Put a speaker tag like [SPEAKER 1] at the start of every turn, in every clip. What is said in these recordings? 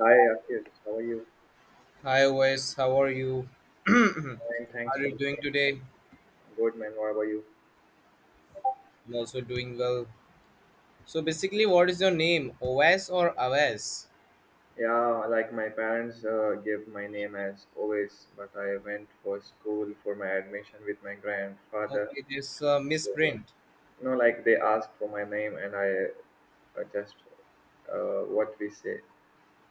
[SPEAKER 1] Hi, Akhish. How are you?
[SPEAKER 2] Hi Wes, how are you?
[SPEAKER 1] Fine, thanks
[SPEAKER 2] How are
[SPEAKER 1] for
[SPEAKER 2] you doing today?
[SPEAKER 1] good man. What about you?
[SPEAKER 2] I'm also doing well. So basically, what is your name? OS or AWS?
[SPEAKER 1] Yeah, like my parents gave my name as always, but I went for school for my admission with my grandfather.
[SPEAKER 2] Okay, this misprint.
[SPEAKER 1] No, like they asked for my name, and I just what we say.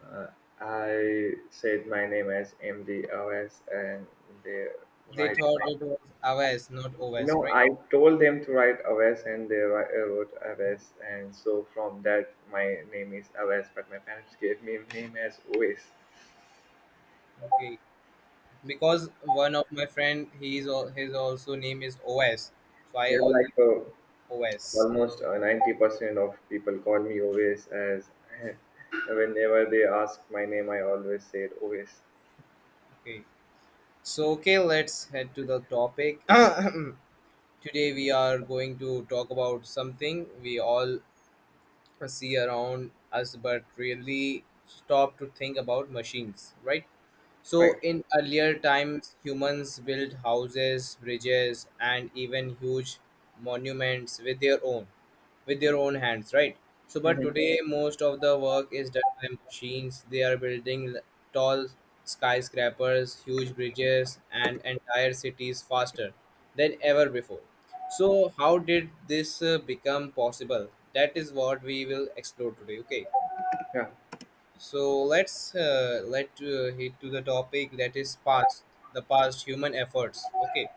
[SPEAKER 1] Uh, I said my name as MDOS, and they
[SPEAKER 2] They
[SPEAKER 1] write
[SPEAKER 2] thought it was AWS, not
[SPEAKER 1] You
[SPEAKER 2] OS,
[SPEAKER 1] know,
[SPEAKER 2] right?
[SPEAKER 1] I told them to write Aves, and they wrote Aves, and so from that, my name is Aves. But my parents gave me a name as Oves.
[SPEAKER 2] Okay, because one of my friend, his also name is OS, so I
[SPEAKER 1] You know, like
[SPEAKER 2] only
[SPEAKER 1] uh,
[SPEAKER 2] OS.
[SPEAKER 1] Almost 90% of people call me Oves as whenever they ask my name, I always say it Oves.
[SPEAKER 2] Okay, so okay, let's head to the topic. Today we are going to talk about something we all see around us but really stop to think about machines, right? So
[SPEAKER 1] Right.
[SPEAKER 2] in earlier times, humans built houses, bridges, and even huge monuments with their own hands, right? So, but
[SPEAKER 1] Mhm.
[SPEAKER 2] today most of the work is done by machines. They are building tall skyscrapers, huge bridges, and entire cities faster than ever before. So, how did this become possible? That is what we will explore today. Okay,
[SPEAKER 1] Yeah,
[SPEAKER 2] so let's let hit to the topic, that is past the past human efforts. Okay,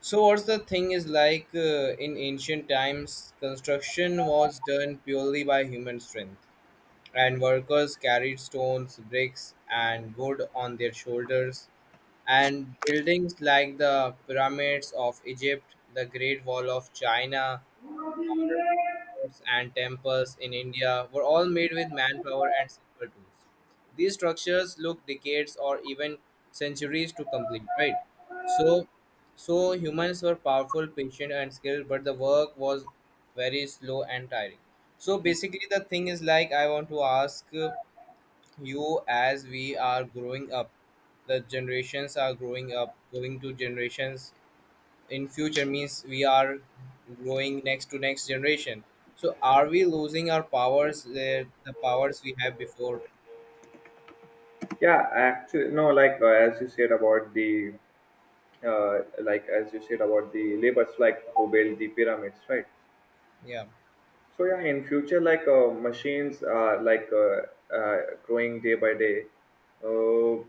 [SPEAKER 2] so what's the thing is like in ancient times, construction was done purely by human strength, and workers carried stones, bricks, and wood on their shoulders. And buildings like the pyramids of Egypt, the Great Wall of China, or forts and temples in India were all made with manpower and simple tools. These structures look decades or even centuries to complete, right? So, so, humans were powerful, patient, and skilled, but the work was very slow and tiring. So basically, the thing is like I want to ask you, as we are growing up, the generations are growing up, going to generations in future, means we are growing next to next generation, so are we losing our powers, the powers we have before?
[SPEAKER 1] yeah. Actually, no. Like as you said about the, uh, like as you said about the laborers, like who built the pyramids, right?
[SPEAKER 2] yeah
[SPEAKER 1] So yeah, in future, machines are uh, growing day by day. Uh,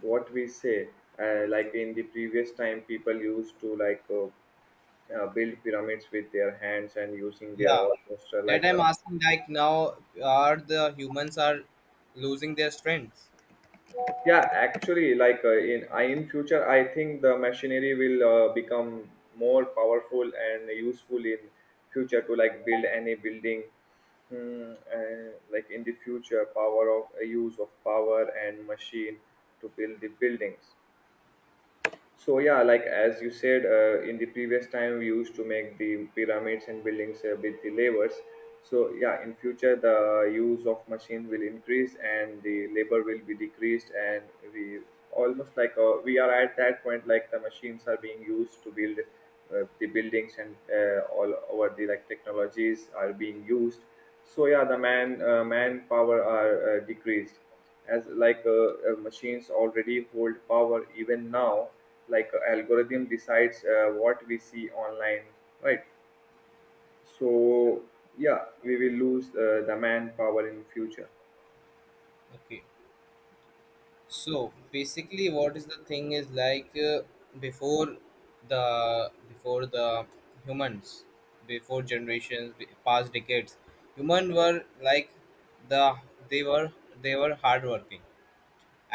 [SPEAKER 1] what we say, like in the previous time, people used to build pyramids with their hands and using their
[SPEAKER 2] yeah
[SPEAKER 1] almost
[SPEAKER 2] that
[SPEAKER 1] like a
[SPEAKER 2] I'm asking, like now are the humans are losing their strength?
[SPEAKER 1] yeah, actually in future I think the machinery will become more powerful and useful in future to like build any building. Like in the future, power of use of power and machine to build the buildings. So yeah, like as you said, in the previous time we used to make the pyramids and buildings with the levers. So yeah, in future the use of machine will increase and the labor will be decreased, and we almost we are at that point like the machines are being used to build the buildings and all over the like technologies are being used. So yeah, the manpower are decreased, as machines already hold power even now. Like a algorithm decides what we see online, right? So yeah, we will lose the manpower in future.
[SPEAKER 2] Okay, so basically what is the thing is like before the humans, before generations past decades, human were like the they were they were hardworking.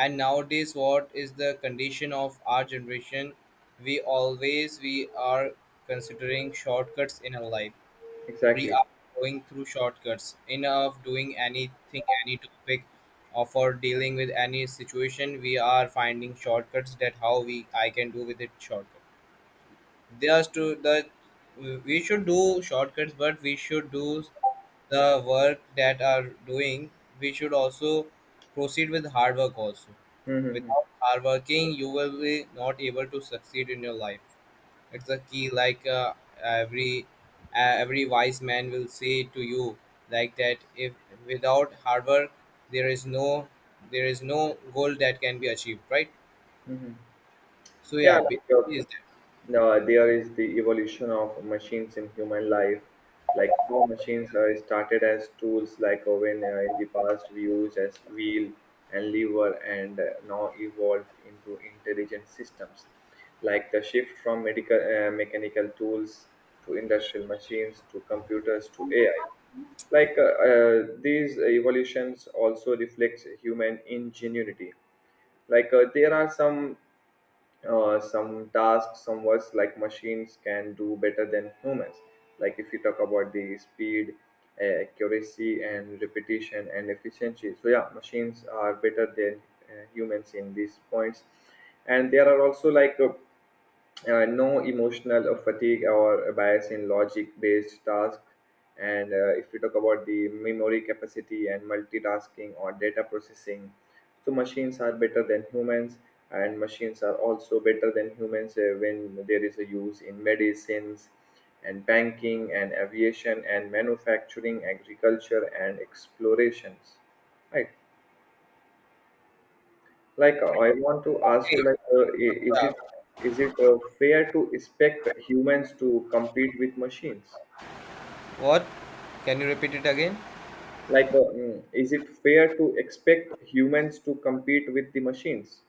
[SPEAKER 2] And nowadays, what is the condition of our generation? We always we are considering shortcuts in our life. We
[SPEAKER 1] Exactly.
[SPEAKER 2] are going through shortcuts in of doing anything, any topic, or for dealing with any situation. We are finding shortcuts that how we I can do with it shortcut. They are to the we should do shortcuts, but we should do the work that are doing. We should also proceed with hard work also.
[SPEAKER 1] Hmm.
[SPEAKER 2] Without hard working, you will be not able to succeed in your life. It's a key, like every every wise man will say to you, like that. If without hard work, there is no there is no goal that can be achieved, right?
[SPEAKER 1] Hmm.
[SPEAKER 2] So yeah,
[SPEAKER 1] Yeah, like uh,
[SPEAKER 2] basically is that.
[SPEAKER 1] The there is the evolution of machines in human life, like how machines are started as tools, like when in the past we used as wheel and lever, and now evolved into intelligent systems, like the shift from medical mechanical tools to industrial machines to computers to AI. These evolutions also reflects human ingenuity. There are some tasks, some works like machines can do better than humans. Like if you talk about the speed, accuracy, and repetition and efficiency. So yeah, machines are better than humans in these points. And there are also no emotional or fatigue or bias in logic based tasks, and if you talk about the memory capacity and multitasking or data processing, so machines are better than humans. And machines are also better than humans when there is a use in medicines and banking and aviation and manufacturing agriculture and explorations, right? Like I want to ask
[SPEAKER 2] Okay?
[SPEAKER 1] you
[SPEAKER 2] Yeah.
[SPEAKER 1] is it fair to expect humans to compete with machines?
[SPEAKER 2] What? Can you repeat it again?
[SPEAKER 1] Is it fair to expect humans to compete with the machines?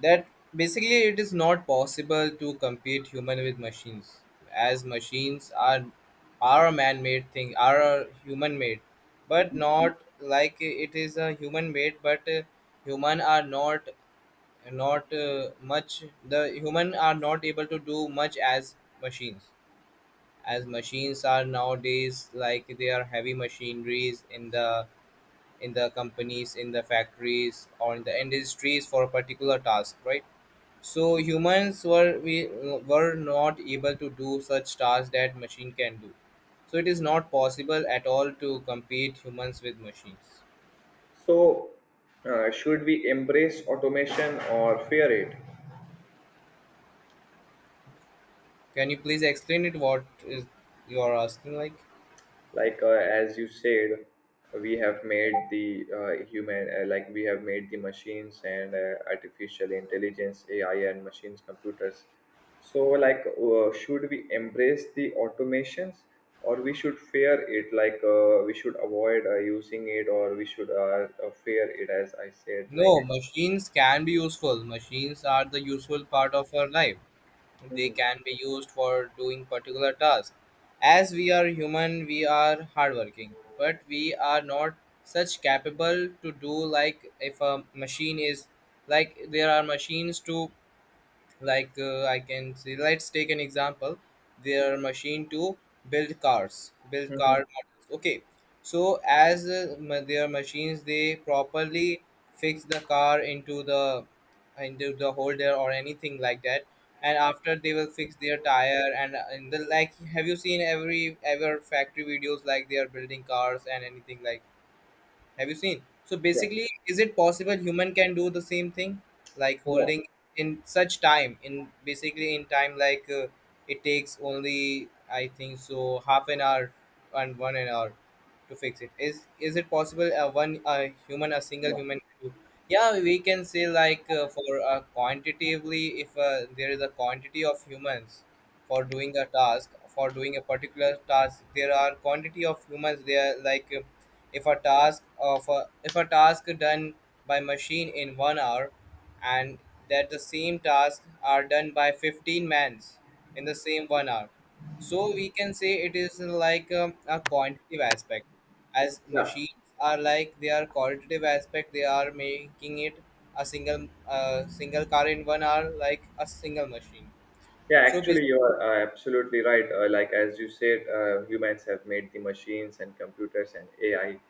[SPEAKER 2] That basically it is not possible to compete human with machines, as machines are a man-made thing, are a human-made, but not like it is a human-made. But human are not much. The human are not able to do much as machines. As machines are nowadays, like they are heavy machineries in the companies, in the factories, or in the industries for a particular task, right? So humans were we were not able to do such tasks that machine can do, so it is not possible at all to compete humans with machines.
[SPEAKER 1] So should we embrace automation or fear it?
[SPEAKER 2] Can you please explain it, what is you are asking, like?
[SPEAKER 1] As you said, we have made the human like we have made the machines and artificial intelligence, AI and machines computers. So should we embrace the automations, or we should fear it? We should avoid using it, or we should fear it, as I said like
[SPEAKER 2] No,
[SPEAKER 1] it.
[SPEAKER 2] machines can be useful. Machines are the useful part of our life. They
[SPEAKER 1] Hmm.
[SPEAKER 2] can be used for doing particular tasks. As we are human, we are hardworking, but we are not such capable to do. Like if a machine is, like there are machines to, like I can say, let's take an example. Their machine to build cars, build car
[SPEAKER 1] Hmm.
[SPEAKER 2] models. Okay, so as their machines, they properly fix the car into the holder or anything like that, and after they will fix their tire and the like. Have you seen every ever factory videos, like they are building cars and anything like? Have you seen? So
[SPEAKER 1] Yeah.
[SPEAKER 2] basically, is it possible human can do the same thing, like
[SPEAKER 1] No.
[SPEAKER 2] holding in such time, in basically in time, like it takes only I think so half an hour and one an hour to fix it. Is it possible? One human, a single
[SPEAKER 1] No.
[SPEAKER 2] human, can do? Yeah, we can say like for quantitatively, if there is a quantity of humans for doing a task, for doing a particular task, there are quantity of humans. There like if a task of a, if a task done by machine in 1 hour, and that the same task are done by 15 mans in the same 1 hour, so we can say it is like a quantitative aspect. As
[SPEAKER 1] Yeah.
[SPEAKER 2] machines are like they are qualitative aspect, they are making it a single single car in 1 hour like a single machine.
[SPEAKER 1] Yeah,
[SPEAKER 2] So
[SPEAKER 1] actually, you
[SPEAKER 2] basically,
[SPEAKER 1] are absolutely right. Like as you said, humans have made the machines and computers and AI.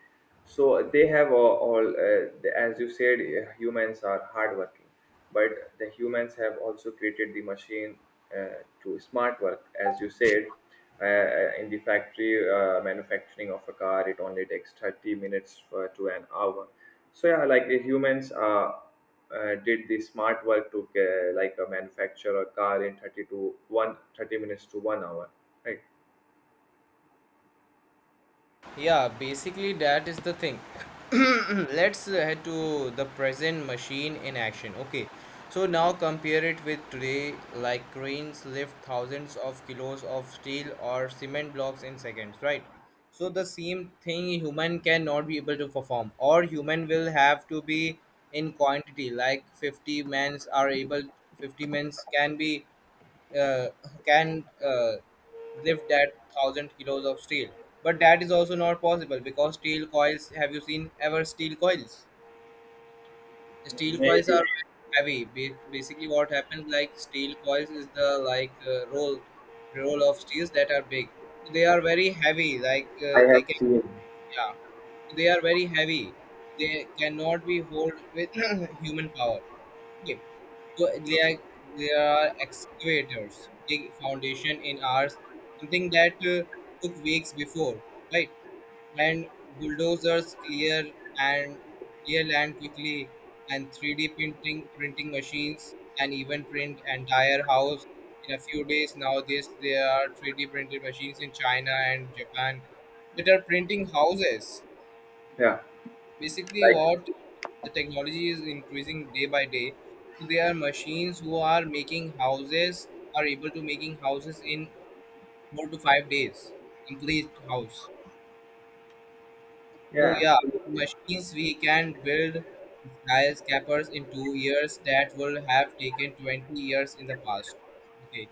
[SPEAKER 1] So they have all as you said, humans are hardworking, but the humans have also created the machine to smart work, as you said. In the factory manufacturing of a car, it only takes 30 minutes for, to an hour. So yeah, like the humans are did the smart work to like a manufacture a car in 30 to 1:30 minutes to 1 hour, right?
[SPEAKER 2] yeah, basically that is the thing. Let's head to the present machine in action. Okay, so now compare it with today, like cranes lift thousands of kilos of steel or cement blocks in seconds, right? So the same thing human cannot be able to perform, or human will have to be in quantity, like 50 men's are able, 50 men's can be uh, can lift that thousand kilos of steel. But that is also not possible because steel coils. Have you seen ever steel coils? Steel coils are
[SPEAKER 1] Maybe.
[SPEAKER 2] heavy. Basically, what happens like steel coils is the like roll of steels that are big. So they are very heavy. Like
[SPEAKER 1] I
[SPEAKER 2] they
[SPEAKER 1] have
[SPEAKER 2] can,
[SPEAKER 1] seen.
[SPEAKER 2] yeah, they are very heavy. They cannot be hold with human power. Okay. So they are, they are excavators, big foundation in hours, something that took weeks before, right? And bulldozers clear and clear land quickly, and 3D printing machines can even print entire house in a few days. Nowadays, there are 3D printed machines in China and Japan that are printing houses.
[SPEAKER 1] Yeah,
[SPEAKER 2] Basically,
[SPEAKER 1] like.
[SPEAKER 2] what the technology is increasing day by day, so there are machines who are making houses, are able to making houses in 4 to 5 days, complete house. So
[SPEAKER 1] Yeah,
[SPEAKER 2] yeah,
[SPEAKER 1] absolutely.
[SPEAKER 2] machines we can build skyscrapers in 2 years that will have taken 20 years in the past. Okay,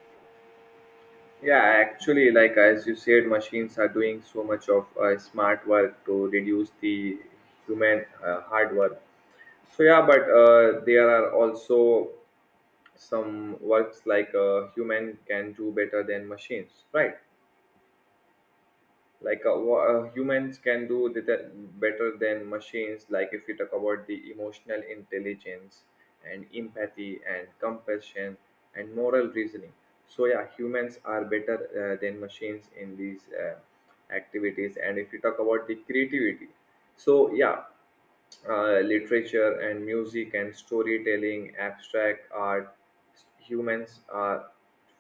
[SPEAKER 1] Yeah, actually, like as you said, machines are doing so much of smart work to reduce the human hard work. So yeah, but there are also some works like human can do better than machines right like humans can do the better than machines, Like if you talk about the emotional intelligence and empathy and compassion and moral reasoning, so yeah, humans are better than machines in these activities. And if you talk about the creativity, so yeah, literature and music and storytelling, abstract art, humans are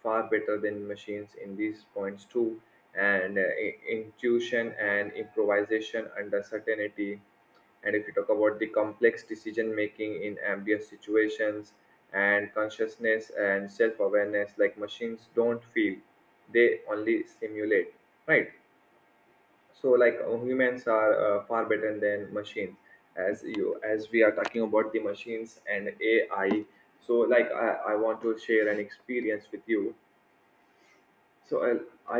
[SPEAKER 1] far better than machines in these points too. And intuition and improvisation under certainty. And if you talk about the complex decision making in ambiguous situations and consciousness and self awareness, like machines don't feel, they only simulate, right? So humans are far better than machines. As you as we are talking about the machines and AI, so I want to share an experience with you. So I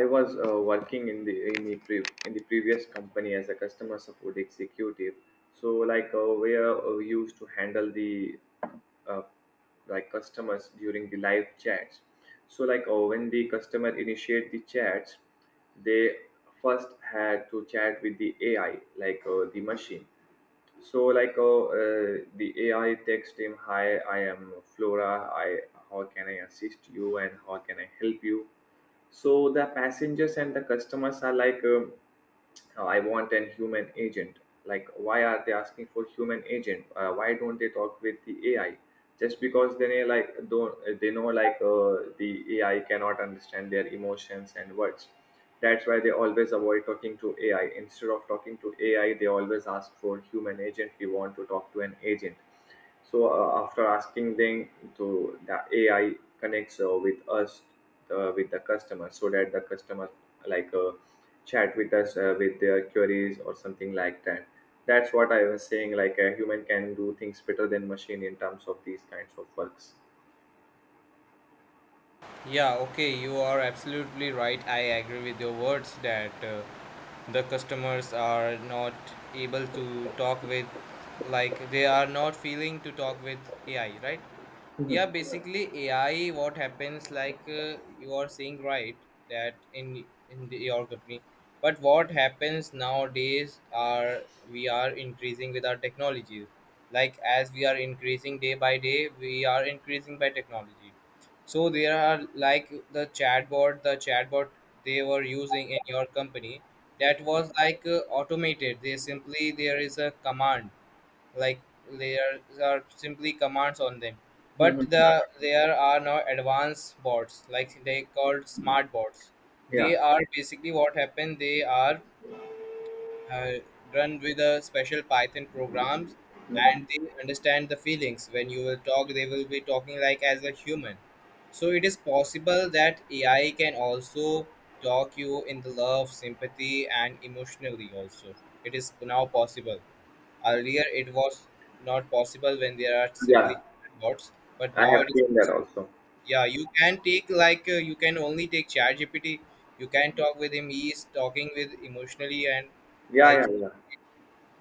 [SPEAKER 1] I was working in the in the previous company as a customer support executive. So where we used to handle the uh, like customers during the live chats. So when the customer initiate the chats, they first had to chat with the AI the machine. So the AI text him, "Hi, I am Flora. I how can I assist you and how can I help you?" So the passengers and the customers are like I want an human agent. Like, why are they asking for human agent? Why don't they talk with the AI? Just because they know, like don't they know the AI cannot understand their emotions and words. That's why they always avoid talking to AI. Instead of talking to AI, they always ask for human agent. We want to talk to an agent. So after asking them to the AI connects with us with the customer so that the customer like uh, chat with us with their queries or something like that. That's what I was saying, like a human can do things better than machine in terms of these kinds of works.
[SPEAKER 2] yeah, okay, you are absolutely right. I agree with your words that the customers are not able to talk with, like, they are not feeling to talk with AI, right? Yeah,
[SPEAKER 1] Mhm,
[SPEAKER 2] basically, AI, what happens, like, you are saying right that in the, your company. But what happens nowadays are we are increasing with our technologies. Like, as we are increasing day by day, we are increasing by technology, so there are like the chatbot, they were using in your company, that was like automated. They simply there is a command like there are simply commands on them, but
[SPEAKER 1] mhm.
[SPEAKER 2] the there are now advanced bots like they called smart bots. They
[SPEAKER 1] yeah
[SPEAKER 2] are basically what happened, they are uh, run with the special Python programs, and they understand the feelings. When you will talk, they will be talking like as a human. So it is possible that AI can also talk you in the love, sympathy, and emotionally also. It is now possible. Earlier, it was not possible when there are simply
[SPEAKER 1] yeah
[SPEAKER 2] bots, but
[SPEAKER 1] I
[SPEAKER 2] now
[SPEAKER 1] have
[SPEAKER 2] it is
[SPEAKER 1] seen that
[SPEAKER 2] possible.
[SPEAKER 1] also.
[SPEAKER 2] Yeah, you can take like you can only take ChatGPT. You can talk with him. He is talking with emotionally and
[SPEAKER 1] yeah
[SPEAKER 2] like,
[SPEAKER 1] yeah yeah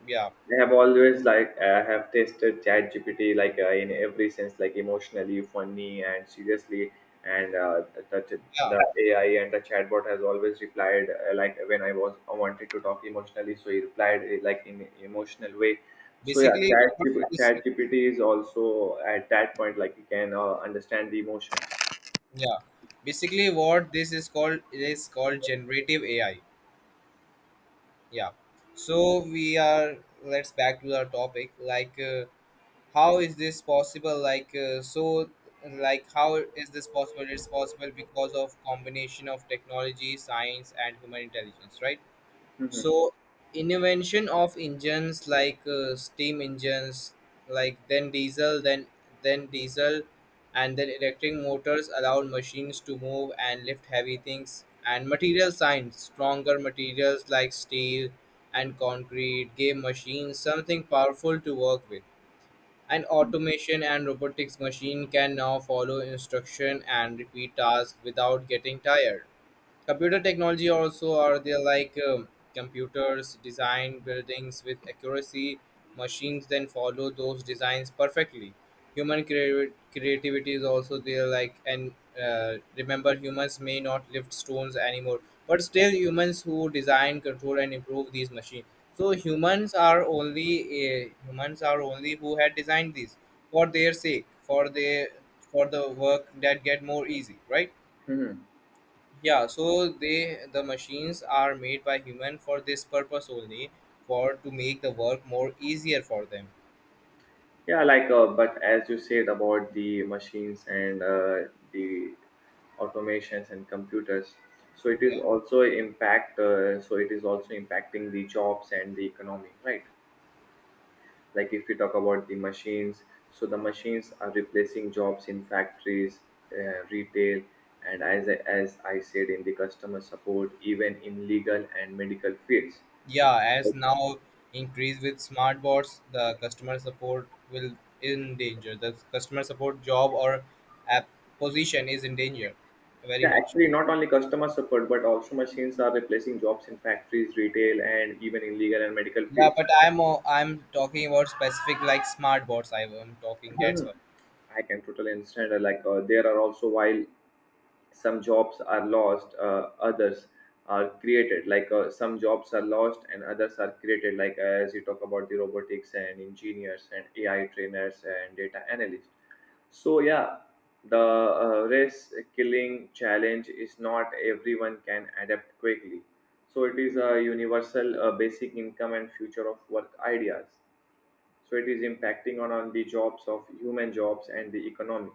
[SPEAKER 2] yeah,
[SPEAKER 1] I have always like I have tested ChatGPT in every sense, like emotionally, funny, and seriously. And
[SPEAKER 2] yeah.
[SPEAKER 1] the AI and the chatbot has always replied like when I wanted to talk emotionally, so he replied like in emotional way. So yeah,
[SPEAKER 2] Basically, what
[SPEAKER 1] ChatGPT,
[SPEAKER 2] is,
[SPEAKER 1] ChatGPT is also at that point like you can understand the emotion.
[SPEAKER 2] yeah. Basically, what this is called, it is called generative AI. Yeah. So we are, let's back to our topic. Like, how is this possible? Like, so like how is this possible? It's possible because of combination of technology, science, and human intelligence, right?
[SPEAKER 1] Mhm.
[SPEAKER 2] So invention of engines, like steam engines, like then diesel, then diesel, and then electric motors allowed machines to move and lift heavy things. And material science, stronger materials like steel and concrete gave machines something powerful to work with. And automation and robotics, machine can now follow instruction and repeat tasks without getting tired. Computer technology also are there, like computers design buildings with accuracy, machines then follow those designs perfectly. Human creativity is also there, like and remember, humans may not lift stones anymore, but still humans who design, control, and improve these machines. So humans are only, humans are only who had designed these for their sake, for their, for the work that get more easy, right?
[SPEAKER 1] Mhm.
[SPEAKER 2] Yeah, so they the machines are made by human for this purpose only, for to make the work more easier for them.
[SPEAKER 1] Yeah, like, but as you said about the machines and the automations and computers, so it
[SPEAKER 2] Yeah,
[SPEAKER 1] is also impact. So it is also impacting the jobs and the economy, right? Like if we talk about the machines, so the machines are replacing jobs in factories, retail, and as I said in the customer support, even in legal and medical fields.
[SPEAKER 2] yeah. As now increase with smart bots, the customer support will in danger. The customer support job or app position is in danger, very
[SPEAKER 1] Yeah,
[SPEAKER 2] much.
[SPEAKER 1] actually, not only customer support, but also machines are replacing jobs in factories, retail, and even in legal and medical
[SPEAKER 2] Yeah,
[SPEAKER 1] fields.
[SPEAKER 2] but I'm talking about specific like smart bots. I am talking, that's
[SPEAKER 1] Mhm.
[SPEAKER 2] why.
[SPEAKER 1] I can totally understand. Like, there are also while some jobs are lost, others are created. Like, some jobs are lost and others are created. Like, as you talk about the robotics and engineers and AI trainers and data analysts. So yeah, the race killing challenge is not everyone can adapt quickly. So it is a universal basic income and future of work ideas. So it is impacting on the jobs of human jobs and the economy.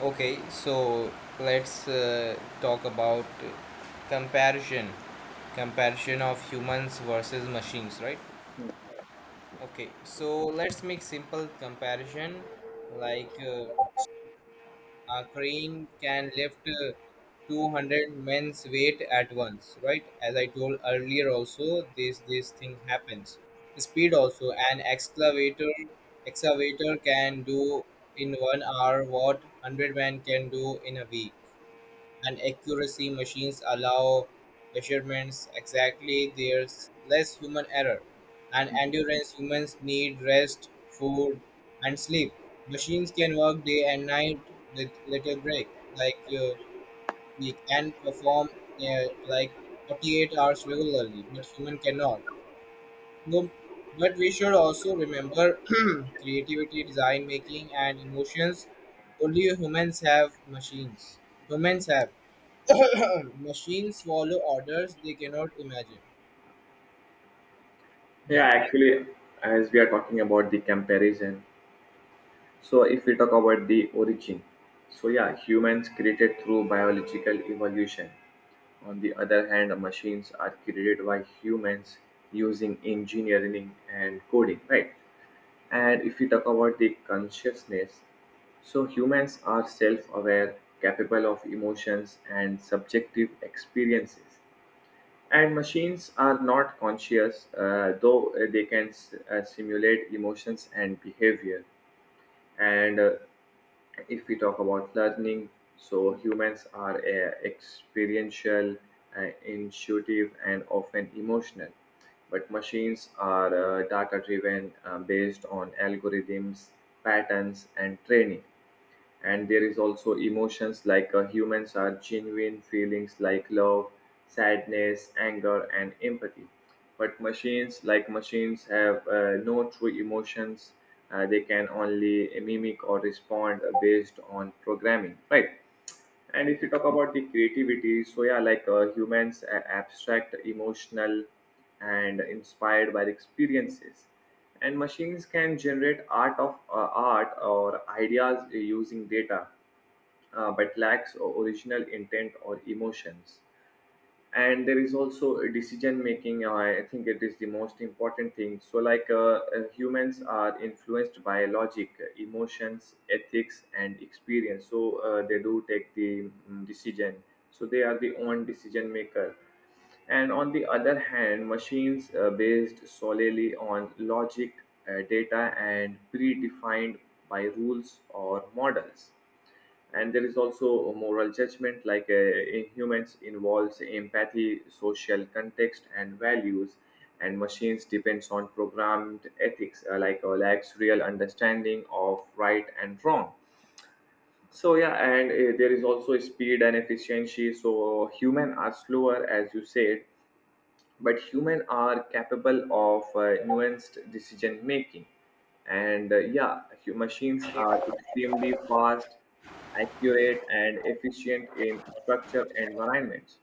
[SPEAKER 2] Okay, so let's talk about comparison. Comparison of humans versus machines, right? Okay, so let's make simple comparison. Like a crane can lift 200 men's weight at once, right? As I told earlier, also this thing happens. Speed also, an excavator can do in 1 hour what 100 men can do in a week. And accuracy, machines allow measurements exactly, there's less human error. And endurance, humans need rest, food, and sleep. Machines can work day and night with little break. Like we can perform uh, like 48 hours regularly, but human cannot. So, but we should also remember, creativity, design making, and emotions only humans have. Machines humans have machines follow orders, they cannot imagine. Yeah.
[SPEAKER 1] Yeah, actually, as we are talking about the comparison, so if we talk about the origin, so yeah, humans created through biological evolution. On the other hand, machines are created by humans using engineering and coding, right? And if we talk about the consciousness, so humans are self aware, capable of emotions and subjective experiences. And machines are not conscious, though they can simulate emotions and behavior. And if we talk about learning, so humans are experiential, intuitive and often emotional, but machines are data driven, based on algorithms, patterns and training. And there is also emotions, like humans are genuine feelings like love, sadness, anger and empathy, but machines have no true emotions. They can only mimic or respond based on programming, right? And if you talk about the creativity, so yeah, like humans are abstract, emotional, and inspired by the experiences. And machines can generate art or ideas using data, but lacks original intent or emotions. And there is also a decision making, I think it is the most important thing. So humans are influenced by logic, emotions, ethics and experience, so they do take the decision, so they are the own decision maker. And on the other hand, machines based solely on logic, data and predefined by rules or models. And there is also a moral judgment, like in humans involves empathy, social context and values, and machines depends on programmed ethics, lacks real understanding of right and wrong. So yeah, and there is also speed and efficiency. So human are slower, as you said, but humans are capable of nuanced decision making. And yeah, machines are extremely fast, accurate and efficient in structured environments.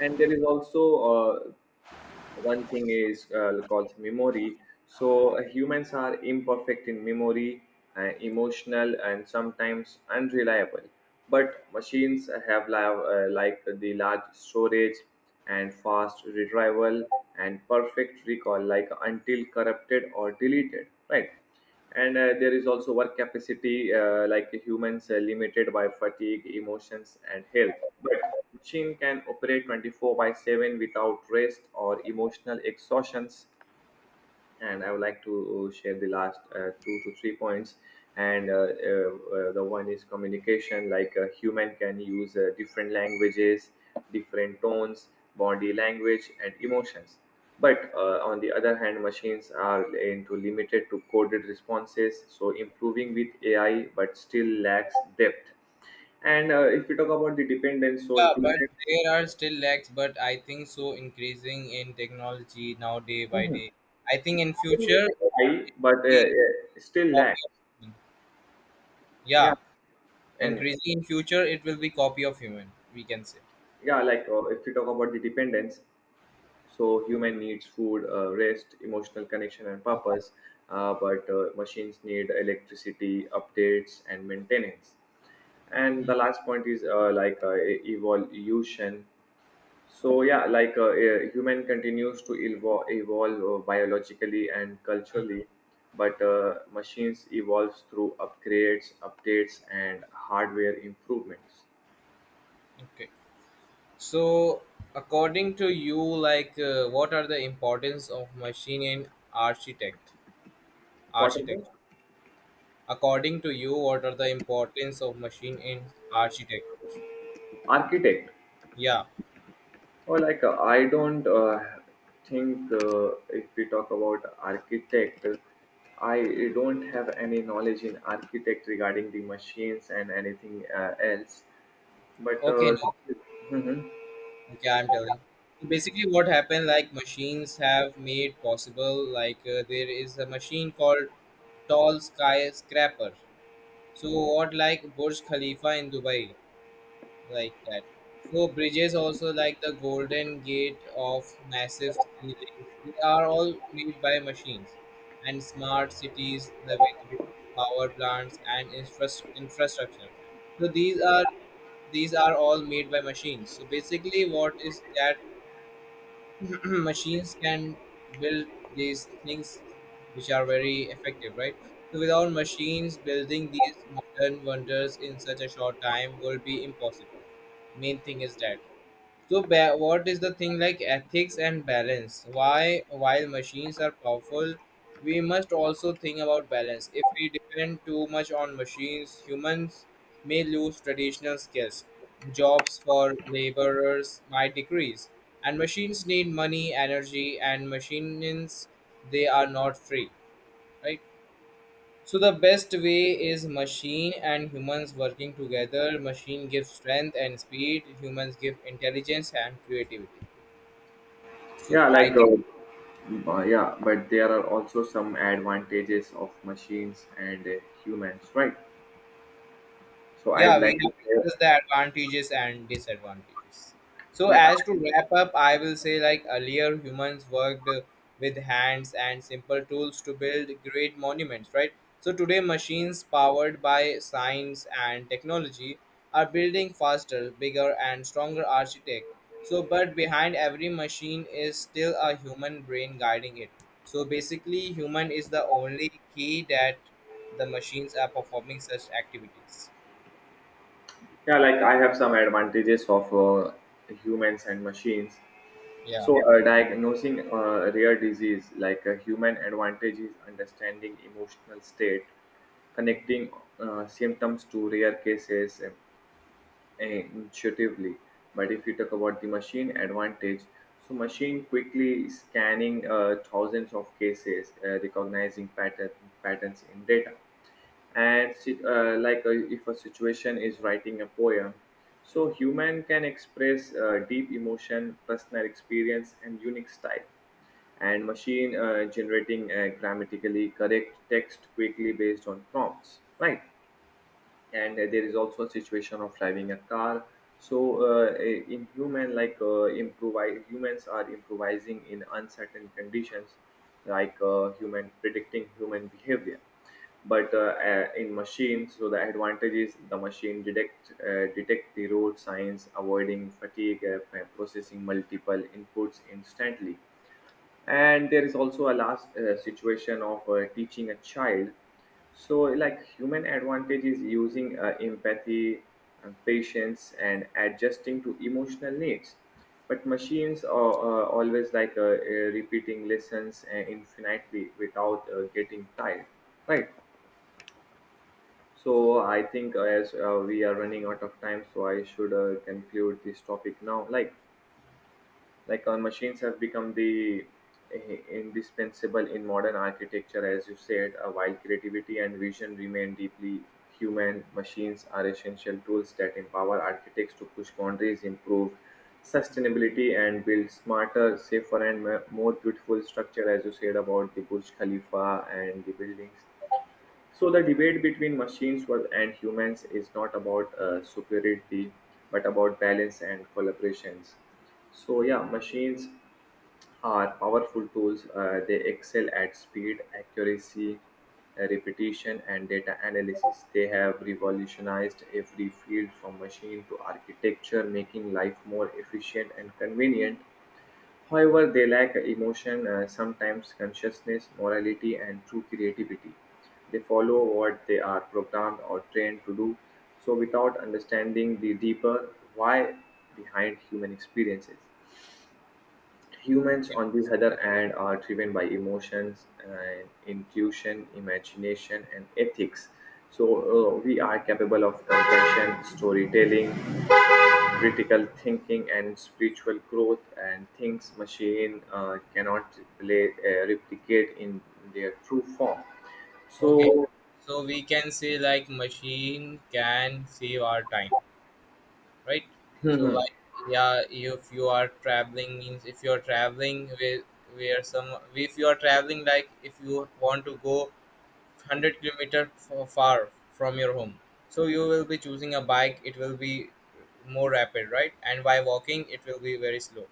[SPEAKER 1] And there is also one thing is called memory. So humans are imperfect in memory, emotional and sometimes unreliable, but machines have like the large storage and fast retrieval and perfect recall, like until corrupted or deleted, right? And there is also work capacity, like humans are limited by fatigue, emotions and health, but machine can operate 24 by 7 without rest or emotional exhaustions. And I would like to share the last 2 to 3 points. And The one is communication, like a human can use different languages, different tones, body language, and emotions. But on the other hand, machines are into limited to coded responses, so improving with AI, but still lacks depth. And if we talk about the dependence, so
[SPEAKER 2] Yeah, but
[SPEAKER 1] humans.
[SPEAKER 2] there are still lags, but I think so, increasing in technology now day by
[SPEAKER 1] Mhm.
[SPEAKER 2] day. I think in future
[SPEAKER 1] AI, but
[SPEAKER 2] we
[SPEAKER 1] still
[SPEAKER 2] copy
[SPEAKER 1] lack.
[SPEAKER 2] of human.
[SPEAKER 1] Yeah,
[SPEAKER 2] Yeah,
[SPEAKER 1] and
[SPEAKER 2] increasing in future it will be copy of human, we can say.
[SPEAKER 1] yeah, like if we talk about the dependence, so human needs food, rest, emotional connection and
[SPEAKER 2] Yeah.
[SPEAKER 1] purpose, but machines need electricity, updates and maintenance. And
[SPEAKER 2] Mm.
[SPEAKER 1] the last point is evolution. So yeah, human continues to evolve biologically and culturally, but machines evolves through upgrades, updates and hardware improvements.
[SPEAKER 2] Okay. So according to you, like what are the importance of machine in architect
[SPEAKER 1] What are the
[SPEAKER 2] architecture? According to you, what are the importance of machine in architect?
[SPEAKER 1] architect?
[SPEAKER 2] Yeah.
[SPEAKER 1] Or like, I don't think, if we talk about architect, I don't have any knowledge in architect regarding the machines and anything else. But
[SPEAKER 2] Okay, Neil.
[SPEAKER 1] mhm.
[SPEAKER 2] Okay, I'm telling. So basically, what happened? Like machines have made possible. Like there is a machine called Tall Skyscraper. So what, like Burj Khalifa in Dubai, like that. So bridges also, like the Golden Gate of massive ceilings. They are all made by machines, and smart cities with roofs, power plants, and infrastructure. So these are, these are all made by machines. So basically what is that, machines can build these things, which are very effective, right? So without machines, building these modern wonders in such a short time will be impossible. Main thing is that, so, what is the thing like ethics and balance? Why, while machines are powerful, we must also think about balance. If we depend too much on machines, humans may lose traditional skills. Jobs for laborers might decrease, and machines need money, energy, and machines, they are not free, right? So the best way is machine and humans working together. Machine gives strength and speed. Humans give intelligence and creativity. So
[SPEAKER 1] Yeah, like
[SPEAKER 2] I,
[SPEAKER 1] yeah, but there are also some advantages of machines and humans, right? So I
[SPEAKER 2] yeah,
[SPEAKER 1] would
[SPEAKER 2] we
[SPEAKER 1] like to
[SPEAKER 2] have
[SPEAKER 1] share,
[SPEAKER 2] discussed the advantages and disadvantages. So,
[SPEAKER 1] like
[SPEAKER 2] as to wrap up, I will say, like earlier, humans worked with hands and simple tools to build great monuments, right? So, today, machines powered by science and technology are building faster, bigger, and stronger architect. So, but behind every machine is still a human brain guiding it. So, basically, human is the only key that the machines are performing such activities.
[SPEAKER 1] yeah, like I have some advantages of humans and machines.
[SPEAKER 2] Yeah.
[SPEAKER 1] So, diagnosing rare disease, like a human advantage is understanding emotional state, connecting symptoms to rare cases intuitively. But if you talk about the machine advantage, so machine quickly scanning thousands of cases, recognizing patterns in data. And like if a situation is writing a poem, so human can express deep emotion, personal experience and unique style, and machine generating a grammatically correct text quickly based on prompts, right? And there is also a situation of driving a car. So in human, like improvise humans are improvising in uncertain conditions, like human predicting human behavior. But in machines, so the advantage is the machine detect the road signs, avoiding fatigue by processing multiple inputs instantly. And there is also a last situation of teaching a child. So like human advantage is using empathy and patience and adjusting to emotional needs, but machines are always repeating lessons infinitely without getting tired, right? So I think, as we are running out of time, so I should conclude this topic now. Like, our machines have become the indispensable in modern architecture, as you said. While creativity and vision remain deeply human, machines are essential tools that empower architects to push boundaries, improve sustainability and build smarter, safer and more beautiful structure, as you said about the Burj Khalifa and the buildings. So the debate between machines and humans is not about superiority, but about balance and collaborations. So yeah, machines are powerful tools. They excel at speed, accuracy, repetition, and data analysis. They have revolutionized every field from machine to architecture, making life more efficient and convenient. However, they lack emotion, sometimes consciousness, morality, and true creativity. They follow what they are programmed or trained to do, so without understanding the deeper why behind human experiences. Humans, on the other hand, are driven by emotions, and intuition, imagination, and ethics. So, we are capable of compassion, storytelling, critical thinking and spiritual growth, and things machine cannot replicate in their true form.
[SPEAKER 2] Okay,
[SPEAKER 1] So
[SPEAKER 2] so we can say like machine can save our time, right? So like, yeah, if you are traveling, means if you are traveling with, where some, if you are traveling like if you want to go 100 kilometer far from your home, so you will be choosing a bike. It will be more rapid, right? And by walking, it will be very slow.